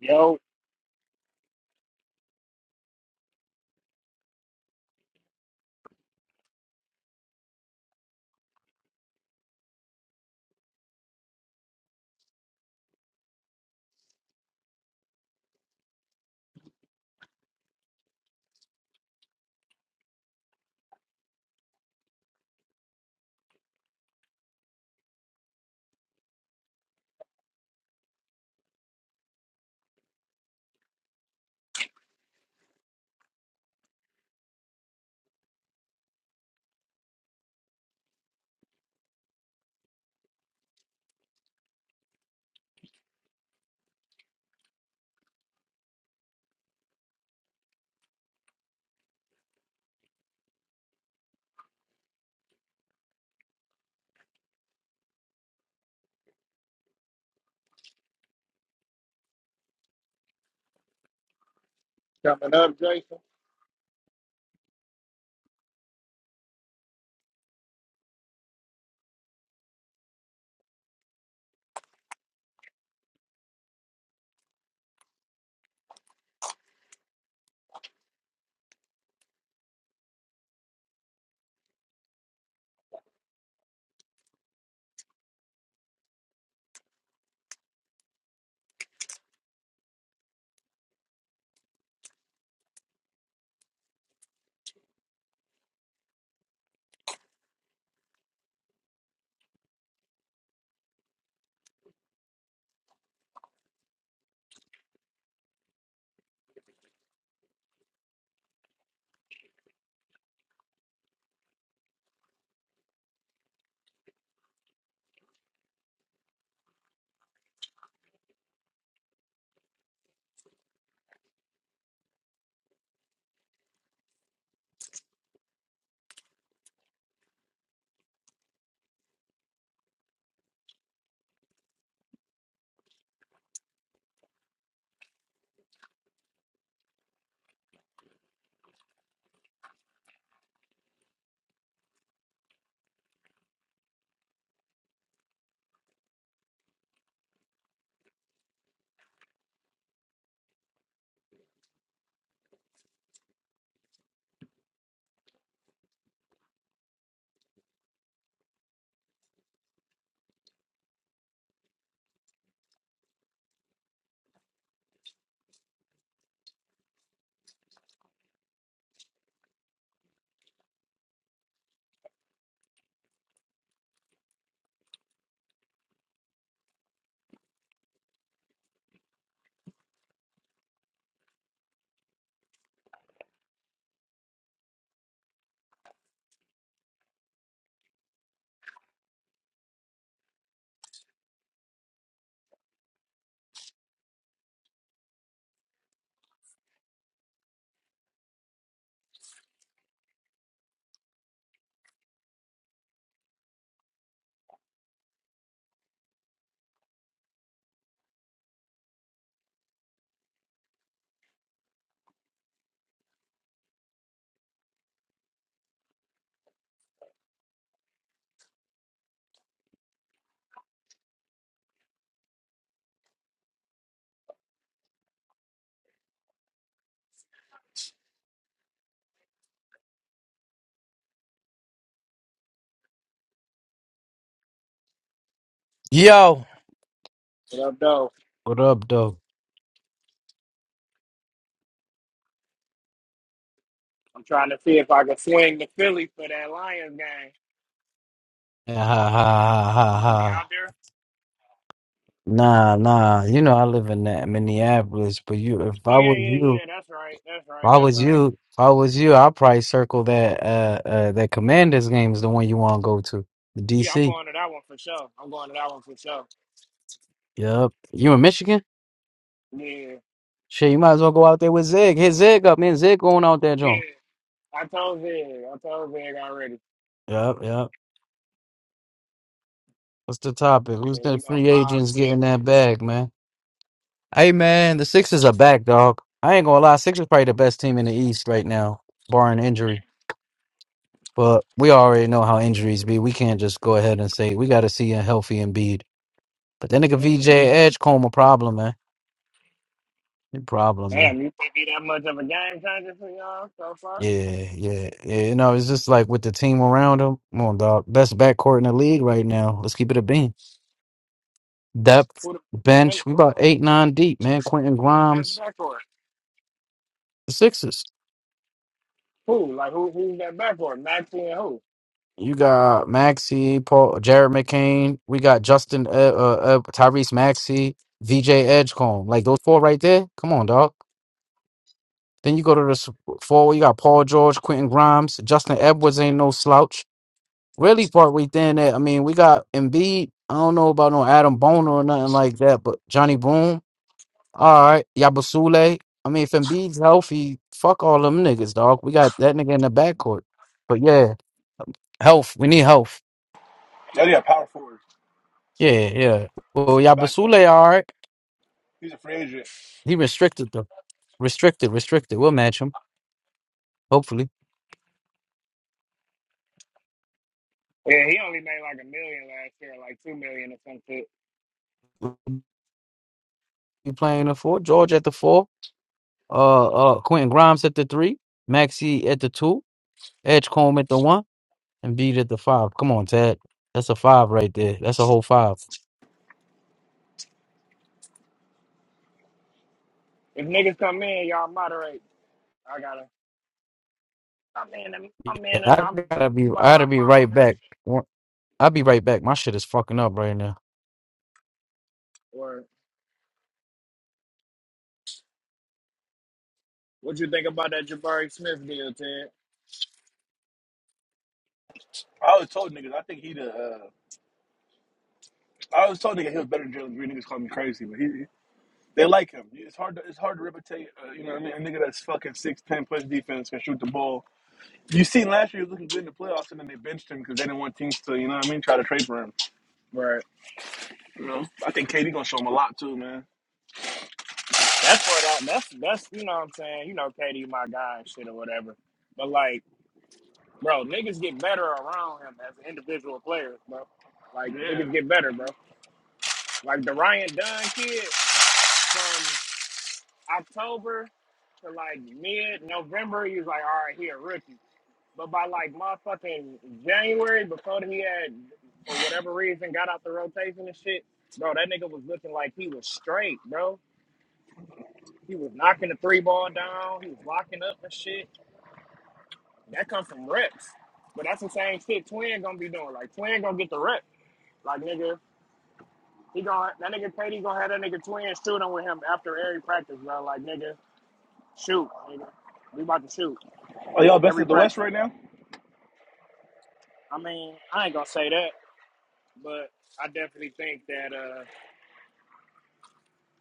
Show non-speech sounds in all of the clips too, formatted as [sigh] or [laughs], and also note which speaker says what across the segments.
Speaker 1: Yo, coming up, Jason.
Speaker 2: Yo,
Speaker 1: What up, though?
Speaker 2: What up, though?
Speaker 1: I'm trying to see if I can swing the Philly for that Lions game.
Speaker 2: Ha ha ha ha
Speaker 1: You gonna be out
Speaker 2: ha.
Speaker 1: there?
Speaker 2: Nah, nah. You know I live in that Minneapolis, but you, if
Speaker 1: Oh
Speaker 2: I
Speaker 1: yeah,
Speaker 2: was
Speaker 1: yeah,
Speaker 2: you,
Speaker 1: yeah.
Speaker 2: if
Speaker 1: That's right. That's right.
Speaker 2: I
Speaker 1: That's
Speaker 2: was
Speaker 1: right.
Speaker 2: you, if I was you, I'd probably circle that uh, uh that Commanders game is the one you want to go to, the
Speaker 1: Yeah, I'm
Speaker 2: DC.
Speaker 1: going to that one for sure. I'm going to that one for sure.
Speaker 2: Yup. You in Michigan?
Speaker 1: Yeah,
Speaker 2: Shit, you might as well go out there with Zig. Hit Zig up, man. Zig going out there,
Speaker 1: yeah.
Speaker 2: John.
Speaker 1: I told Vig. I told Vig already.
Speaker 2: Yup, yup. What's the topic? Who's
Speaker 1: And we
Speaker 2: the
Speaker 1: gonna
Speaker 2: free
Speaker 1: mob
Speaker 2: agents
Speaker 1: to that
Speaker 2: getting that
Speaker 1: bitch.
Speaker 2: bag, man? Hey man, the Sixers are back, dog. I ain't gonna lie, Sixers probably the best team in the East right now, barring injury. But we already know how injuries be. We can't just go ahead and say we got to see a healthy Embiid. But then nigga
Speaker 1: Damn,
Speaker 2: VJ
Speaker 1: damn.
Speaker 2: Edgecomb a problem, man. A problem,
Speaker 1: Damn,
Speaker 2: man.
Speaker 1: You think he that much of a game changer for y'all so far?
Speaker 2: Yeah, yeah, yeah. You know, it's just like with the team around him. Come on, dog. Best backcourt in the league right now. Let's keep it a beam. Depth
Speaker 1: Who the him,
Speaker 2: bench. We
Speaker 1: who,
Speaker 2: about
Speaker 1: who
Speaker 2: eight, nine deep, man. Quentin
Speaker 1: who the best
Speaker 2: Grimes,
Speaker 1: backcourt?
Speaker 2: the Sixers.
Speaker 1: Who like who? Who's that backcourt? Maxie and who?
Speaker 2: You got Maxie, Paul, Jared McCain. We got Justin, uh, uh, uh, Tyrese Maxey, VJ Edgecomb. Like those four right there. Come on, dog. Then you go to the s- forward. You got Paul George, Quentin Grimes, Justin Edwards. Ain't no slouch. Really, part right there. and there, I mean, we got Embiid. I don't know about no Adam Boner or nothing like that, but Johnny Boom. All right, Yabusule. I mean, if Embiid's healthy, fuck all them niggas, dog. We got that nigga in the backcourt. But yeah, health. We need health.
Speaker 3: Oh yeah, power forward,
Speaker 2: Yeah, yeah. yeah. Well,
Speaker 3: backup.
Speaker 2: Yabasule, all right.
Speaker 3: He's a free agent.
Speaker 2: He restricted them. Restricted, restricted. We'll match him, hopefully.
Speaker 1: Yeah, he only made like a million last year, like two million or some shit.
Speaker 2: He playing the four. George at the four. Uh, uh, Quentin Grimes at the three. Maxi at the two. Edgecombe at the one. And Beat at the five. Come on, Tad. That's a five right there. That's a whole five.
Speaker 1: If niggas come in, y'all moderate. I gotta. I'm in. and- I'm
Speaker 2: Yeah,
Speaker 1: in, and
Speaker 2: I
Speaker 1: I'm
Speaker 2: gotta be. I
Speaker 1: by my
Speaker 2: gotta be right
Speaker 1: phone. and
Speaker 2: back.
Speaker 1: shit.
Speaker 2: One- I'll be right back. My shit is fucking up right now.
Speaker 1: Or what you think about that Jabari Smith deal, Ted?
Speaker 3: I always told niggas, I think he the. Uh, I always told niggas he was better than Jalen Green. Niggas call me crazy, but he, he- they like him. It's hard to it's hard to replicate. Uh, you know what I mean? A nigga that's fucking six ten plus defense can shoot the ball. You seen last year he was looking good in the playoffs, and then they benched him because they didn't want teams to you know what I mean try to trade for him.
Speaker 1: Right.
Speaker 3: You know, I think KD gonna show him a lot too, man.
Speaker 1: That's what. I, that's that's you know what I'm saying. You know, KD, my guy and shit or whatever. But like, bro, niggas get better around him as individual players, bro. Like
Speaker 3: Yeah.
Speaker 1: niggas get better, bro. Like the Ryan Dunn kid from. October to like mid November, he was like, all right, he a rookie. But by like motherfucking January, before he had, for whatever reason, got out the rotation and shit, bro, that nigga was looking like he was straight, bro. He was knocking the three ball down. He was locking up and shit. That comes from reps. But that's the same shit Twin gonna be doing. Like Twin gonna get the reps. Like nigga, he gonna that nigga KD gonna have that nigga Twin shooting with him after every practice, bro. Like nigga, shoot, nigga. We about to shoot
Speaker 3: Are y'all best of
Speaker 1: every
Speaker 3: the
Speaker 1: practice.
Speaker 3: West right now?
Speaker 1: I mean, I ain't gonna say that, but I definitely think that uh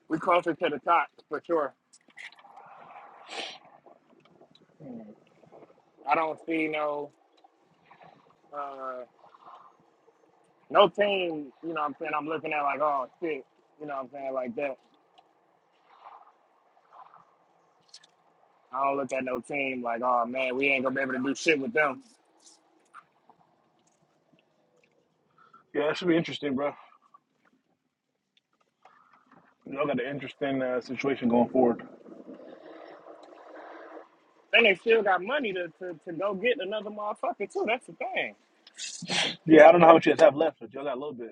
Speaker 1: we closer to the top for sure. I don't see no uh no team, you know what I'm saying, I'm looking at like, oh shit, you know what I'm saying, like that. I don't look at no team like, oh man, we ain't gonna be able to do shit with them.
Speaker 3: Yeah, that should be interesting, bro. Y'all got an interesting uh, situation going forward.
Speaker 1: Then they still got money to, to, to go get another motherfucker too. That's the thing.
Speaker 3: Yeah, I don't know how much you guys have left, but y'all got a little bit.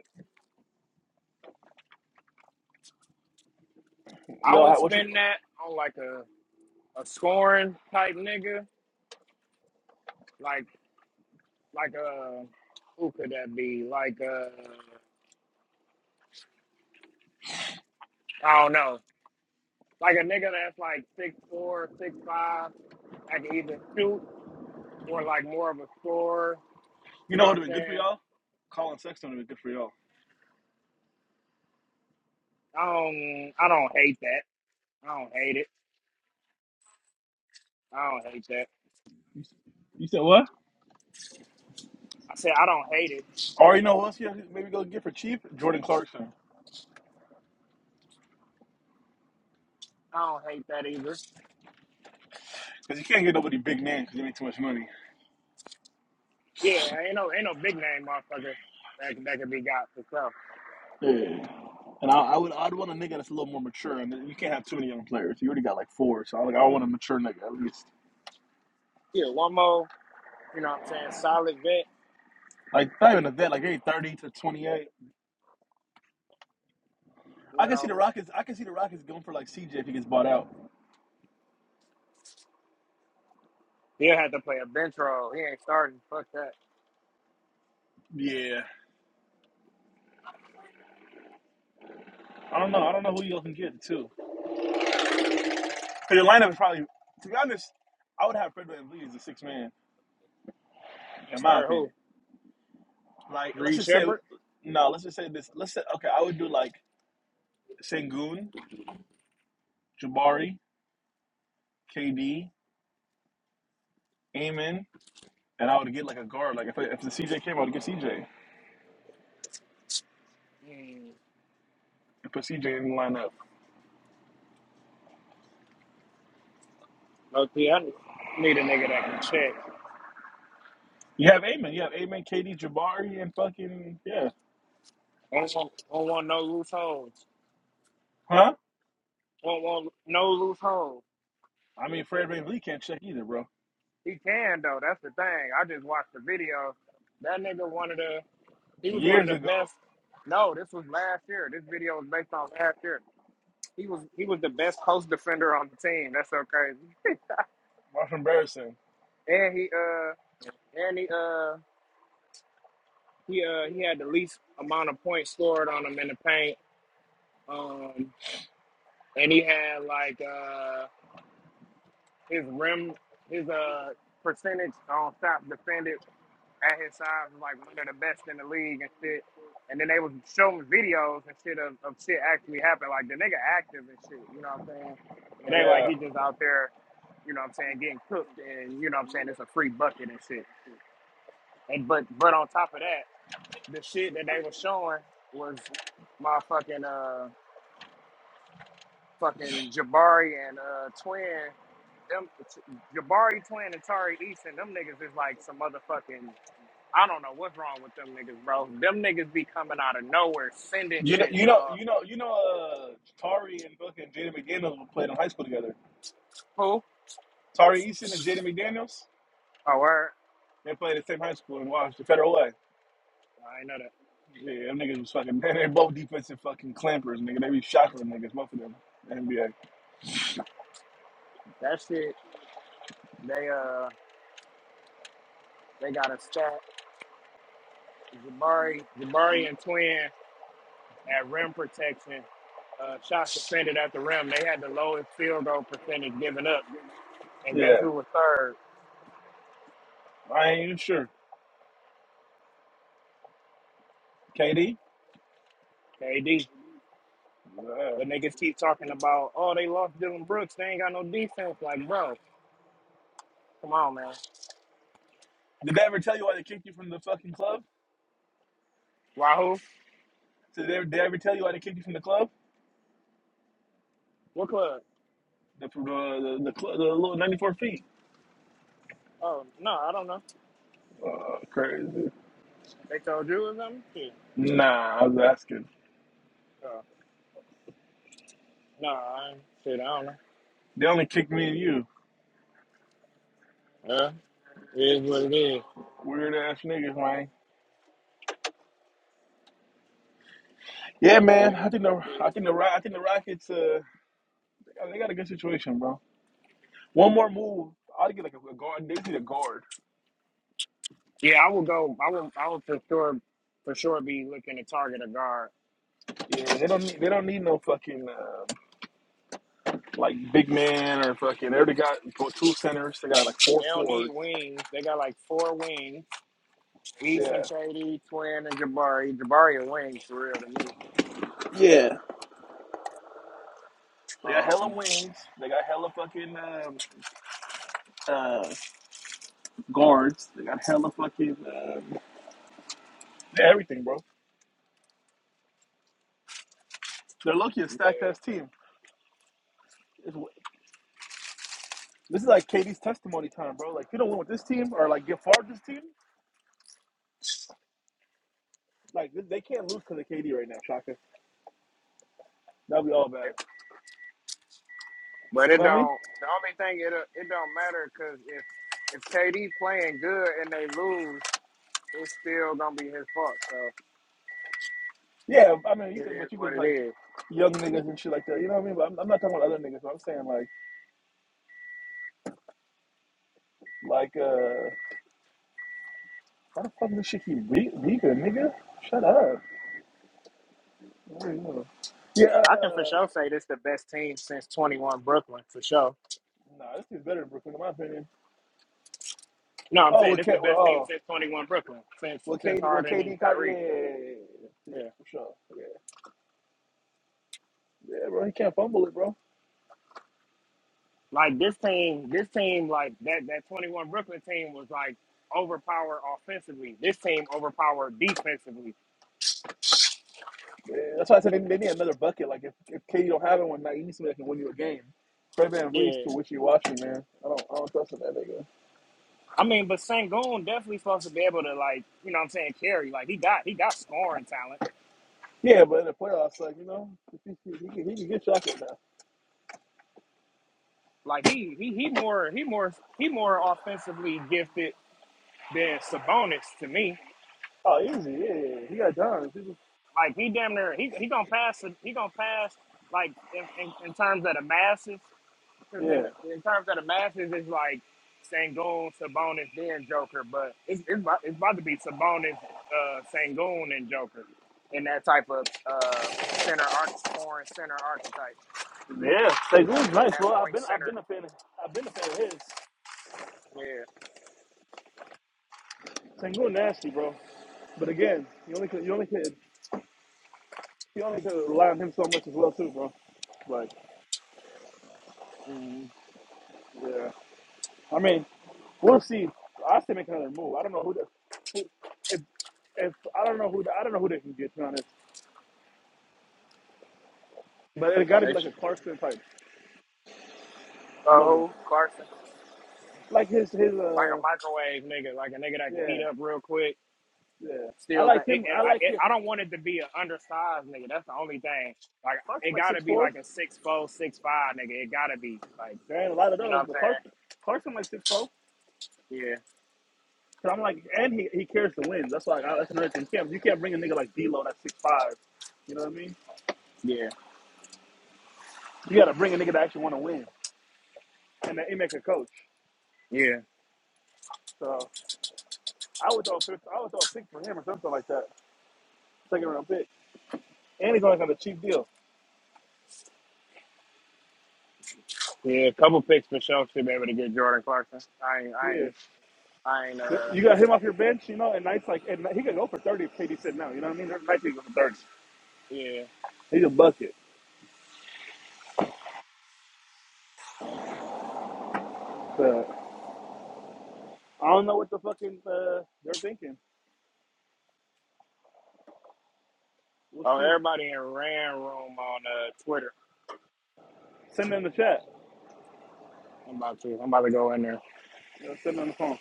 Speaker 1: I
Speaker 3: Y'all,
Speaker 1: would
Speaker 3: how- what you
Speaker 1: spend that on like a, a scoring type nigga, like like a who could that be? Like uh I don't know Like a nigga that's like six four, six five, that can either shoot or like more of a scorer.
Speaker 3: You
Speaker 1: You
Speaker 3: know
Speaker 1: know what
Speaker 3: what would have
Speaker 1: I'm
Speaker 3: been good for
Speaker 1: saying?
Speaker 3: y'all? Colin Sexton would have been good for y'all.
Speaker 1: I don't I don't hate that. I don't hate it. I don't hate that.
Speaker 3: You, you said what?
Speaker 1: I said I don't hate it.
Speaker 3: Or you know what else? Yeah, maybe go get for cheap Jordan Clarkson
Speaker 1: I don't hate that either.
Speaker 3: because you can't get nobody big name because you make too much money.
Speaker 1: Yeah, ain't no ain't no big name motherfucker that that can be got for sure.
Speaker 3: Yeah. And I, I would I'd want a nigga that's a little more mature. And you can't have too many young players. You already got like four, so I like I want a mature nigga at least.
Speaker 1: Yeah, one more, you know what I'm saying, solid vet,
Speaker 3: Like not even a vet, like hey, thirty to twenty eight.
Speaker 1: you
Speaker 3: I can see
Speaker 1: know.
Speaker 3: the Rockets. I can see the Rockets going for like CJ if he gets bought out.
Speaker 1: He'll have to play a bench role. He ain't starting. Fuck that.
Speaker 3: Yeah, I don't know. I don't know who you all can get too. 'Cause Your lineup is probably, to be honest, I would have Fred VanVleet as a six man
Speaker 1: And
Speaker 3: in my
Speaker 1: start
Speaker 3: opinion.
Speaker 1: who?
Speaker 3: Like, let's
Speaker 1: Reed
Speaker 3: just say,
Speaker 1: Shepard?
Speaker 3: no, let's just say this. Let's say, okay, I would do like Sengun, Jabari, KD, Amen, and I would get like a guard. Like, if, if the CJ came, I would get CJ.
Speaker 1: Mm,
Speaker 3: And put CJ in the lineup.
Speaker 1: low key, I need a nigga that can check.
Speaker 3: You have Amen. You have Amen, KD, Jabari, and fucking, yeah.
Speaker 1: will not want, don't want no loose holes.
Speaker 3: Huh?
Speaker 1: Won't want no loose holes.
Speaker 3: I mean, Fred VanVleet can't check either, bro.
Speaker 1: He can though. That's the thing. I just watched the video. That nigga one of the. He was one of
Speaker 3: Years
Speaker 1: the
Speaker 3: ago.
Speaker 1: best. No, this was last year. This video was based on last year. He was he was the best post defender on the team. That's so crazy.
Speaker 3: That's embarrassing.
Speaker 1: And he uh and he uh he uh he had the least amount of points scored on him in the paint. Um and he had like uh his rim his uh percentage on stop defended at his size was like one of the best in the league and shit. And then they was showing videos and shit of, of shit actually happened. Like the nigga active and shit, you know what I'm saying? It ain't like
Speaker 3: Yeah.
Speaker 1: he just out there, you know what I'm saying, getting cooked and you know what I'm saying, it's a free bucket and shit. And but but on top of that, the shit that they were showing was my fucking uh fucking Jabari and uh twin them Jabari twin and Tari Easton, them niggas is like some motherfucking I don't know what's wrong with them niggas, bro. Them niggas be coming out of nowhere sending
Speaker 3: You know,
Speaker 1: shit,
Speaker 3: you know,
Speaker 1: dog.
Speaker 3: you know, you know, uh, Tari and fucking Jaden McDaniels played in high school together.
Speaker 1: Who?
Speaker 3: Tari Eason and Jaden McDaniels,
Speaker 1: Oh, word.
Speaker 3: they played at the same high school in Washington, Federal Way.
Speaker 1: I ain't know that.
Speaker 3: Yeah, them niggas was fucking. [laughs] They they both defensive fucking clampers, nigga. They be shackling niggas, both of them. NBA.
Speaker 1: That shit. They uh, they got a stat. Jabari, Jabari and Twin at rim protection. Uh, shots defended at the rim. They had the lowest field goal percentage given up. And guess
Speaker 3: Yeah,
Speaker 1: who was third?
Speaker 3: I ain't even sure. KD.
Speaker 1: KD.
Speaker 3: Yeah.
Speaker 1: But niggas keep talking about, oh, they lost Dylan Brooks. They ain't got no defense. Like, bro, come on, man.
Speaker 3: Did they ever tell you why they kicked you from the fucking club?
Speaker 1: Wahoo?
Speaker 3: Did they, did they ever tell you why they kicked you from the club?
Speaker 1: What club?
Speaker 3: The the the, the, cl- the little ninety four feet.
Speaker 1: Oh, no, I don't know.
Speaker 3: Uh, crazy.
Speaker 1: They told you or something? Shit.
Speaker 3: Nah, I was asking.
Speaker 1: Yeah. Nah, I ain't- shit, I don't know.
Speaker 3: They only kicked me and you.
Speaker 1: Yeah, it is what it is.
Speaker 3: Weird ass niggas, man. Yeah, man.
Speaker 1: It is
Speaker 3: I think
Speaker 1: what
Speaker 3: the
Speaker 1: it
Speaker 3: I
Speaker 1: is.
Speaker 3: think the Ro- I think the Rockets. Uh, they got they got a good situation, bro. One more move. I'd get like a, a guard. They need a guard.
Speaker 1: Yeah, I would go. I would. I would for sure, for sure, be looking to target a guard.
Speaker 3: Yeah, they don't need they don't need no fucking uh, like big man or fucking. They already got two centers. They got like four
Speaker 1: They don't need
Speaker 3: forwards.
Speaker 1: wings. They got like four wings: Easton,
Speaker 3: Yeah,
Speaker 1: KD, Twin, and Jabari. Jabari and wings for real to me.
Speaker 3: Yeah. they got hella
Speaker 1: Um,
Speaker 3: wings. They got hella fucking um, uh, guards. They got hella fucking um, everything, bro. They're lucky a stacked
Speaker 1: yeah,
Speaker 3: ass team. It's, this is like KD's testimony time, bro. Like if you don't win with this team or like get far with this team, like they they can't lose because of KD right now, Shaka. That'll be all bad.
Speaker 1: It- but
Speaker 3: You
Speaker 1: it
Speaker 3: know what I mean?
Speaker 1: don't. The only thing it uh, it don't matter because if if KD playing good and they lose, it's still gonna be his fault. So
Speaker 3: Yeah, I mean, you
Speaker 1: it
Speaker 3: could,
Speaker 1: is
Speaker 3: but you could
Speaker 1: what it
Speaker 3: like
Speaker 1: is.
Speaker 3: young niggas and shit like that. You know what I mean? But I'm, I'm not talking about other niggas. But I'm saying like, like, uh, why the fuck does shit keep be- Vika, nigga? Shut up. What are you doing? Yeah,
Speaker 1: I can for
Speaker 3: uh,
Speaker 1: sure say this the best team since 21 Brooklyn for sure.
Speaker 3: nah, this is better than Brooklyn in my opinion.
Speaker 1: No, I'm
Speaker 3: Oh,
Speaker 1: saying
Speaker 3: with
Speaker 1: it's
Speaker 3: K,
Speaker 1: the
Speaker 3: well,
Speaker 1: best team
Speaker 3: oh,
Speaker 1: since 21 Brooklyn, since
Speaker 3: with
Speaker 1: since
Speaker 3: KD, with
Speaker 1: Harden
Speaker 3: KD,
Speaker 1: and
Speaker 3: Ky- yeah,
Speaker 1: Kyrie.
Speaker 3: yeah, yeah, yeah, yeah, yeah, yeah,
Speaker 1: Yeah,
Speaker 3: for sure, yeah, yeah, bro, he can't fumble it, bro.
Speaker 1: like this team, this team, like that that 21 Brooklyn team was like overpowered offensively. This team overpowered defensively.
Speaker 3: Yeah, that's why I said they, they need another bucket. Like if if KD don't have it one night, you need somebody that can win you a game. Fred Van Vliet's
Speaker 1: Yeah,
Speaker 3: too wishy washy, man. I don't, I don't trust in that nigga.
Speaker 1: I mean, but Sangoon definitely supposed to be able to like, you know, what I'm saying carry. Like he got he got scoring talent.
Speaker 3: Yeah, but in the playoffs, like you know, [laughs] he, he, he, can, he can get Shaq right now.
Speaker 1: Like he he he more he more he more offensively gifted than Sabonis to me
Speaker 3: Oh, easy, yeah. yeah, yeah. He got John. He just,
Speaker 1: Like he damn near he he gonna pass it- he gonna pass like in, in, in terms of the masses because
Speaker 3: yeah,
Speaker 1: in the, in terms of the masses it's like Sangoon, Sabonis, then Joker, but it's it's about, it's about to be Sabonis, uh, Sangoon, and Joker in that type of uh center arc foreign center archetype
Speaker 3: yeah. Sengun's
Speaker 1: point in
Speaker 3: nice,
Speaker 1: that
Speaker 3: bro. I've
Speaker 1: point
Speaker 3: been, I've been
Speaker 1: center.
Speaker 3: a fan. Of, I've been a fan of his.
Speaker 1: Yeah.
Speaker 3: Sengun nasty, bro. But again, you only could, you only could, you only could rely on him so much as well, too, bro. Like,
Speaker 1: Mm-hmm.
Speaker 3: yeah. I mean, we'll see. I still make another move. I don't know who the, who, if, if I don't know who the, I don't know who they can get to be honest. But it got to be
Speaker 1: They,
Speaker 3: like a
Speaker 1: sh-
Speaker 3: Clarkson type
Speaker 1: Uh,
Speaker 3: level,
Speaker 1: who Carson?
Speaker 3: like his his
Speaker 1: Like a
Speaker 3: uh
Speaker 1: microwave nigga, like a nigga that can
Speaker 3: yeah.
Speaker 1: heat up real quick
Speaker 3: Yeah, I
Speaker 1: Still got
Speaker 3: like
Speaker 1: it,
Speaker 3: him.
Speaker 1: and
Speaker 3: I
Speaker 1: I,
Speaker 3: like
Speaker 1: it,
Speaker 3: him.
Speaker 1: I don't want it to be an undersized nigga. That's the only thing. Like
Speaker 3: Clarkson
Speaker 1: it
Speaker 3: like
Speaker 1: got to
Speaker 3: six
Speaker 1: be
Speaker 3: four.
Speaker 1: like a six four, six five nigga. It got to be like
Speaker 3: There ain't a lot of
Speaker 1: you know
Speaker 3: those,
Speaker 1: what
Speaker 3: but Clark
Speaker 1: I'm
Speaker 3: Clarkson like six four.
Speaker 1: saying?
Speaker 3: Cause I'm like, and he, he cares to win. That's why I, that's another thing. You can't, you can't bring a nigga like D'Lo that's six five. You know what I mean?
Speaker 1: Yeah,
Speaker 3: You gotta bring a nigga that actually want to win and that he make a coach.
Speaker 1: yeah, yeah,
Speaker 3: So I would throw a fifth, I would throw a pick for him or something like that. Second round pick, and he's only got a cheap deal.
Speaker 1: yeah. A couple picks for sure should be able to get Jordan Clarkson. I ain't, I
Speaker 3: Yeah,
Speaker 1: ain't, I ain't. Uh,
Speaker 3: you got him off your bench, you know, and nights like and he could go for thirty if KD said no. You know what I mean? There's nights he could go for thirty.
Speaker 1: yeah.
Speaker 3: He's a bucket. So. I don't know what the fucking uh, they're thinking. We'll
Speaker 1: Oh,
Speaker 3: see.
Speaker 1: everybody in Ran Room on uh Twitter.
Speaker 3: Send me in the chat.
Speaker 1: I'm about to, I'm about to go in there.
Speaker 3: Yeah, send me on the phone.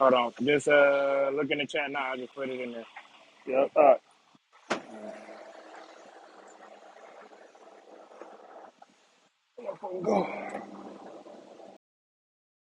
Speaker 1: Hold on, just uh, look in the chat now. I just put it in there.
Speaker 3: Yeah. All right.
Speaker 1: Uh,
Speaker 3: Go.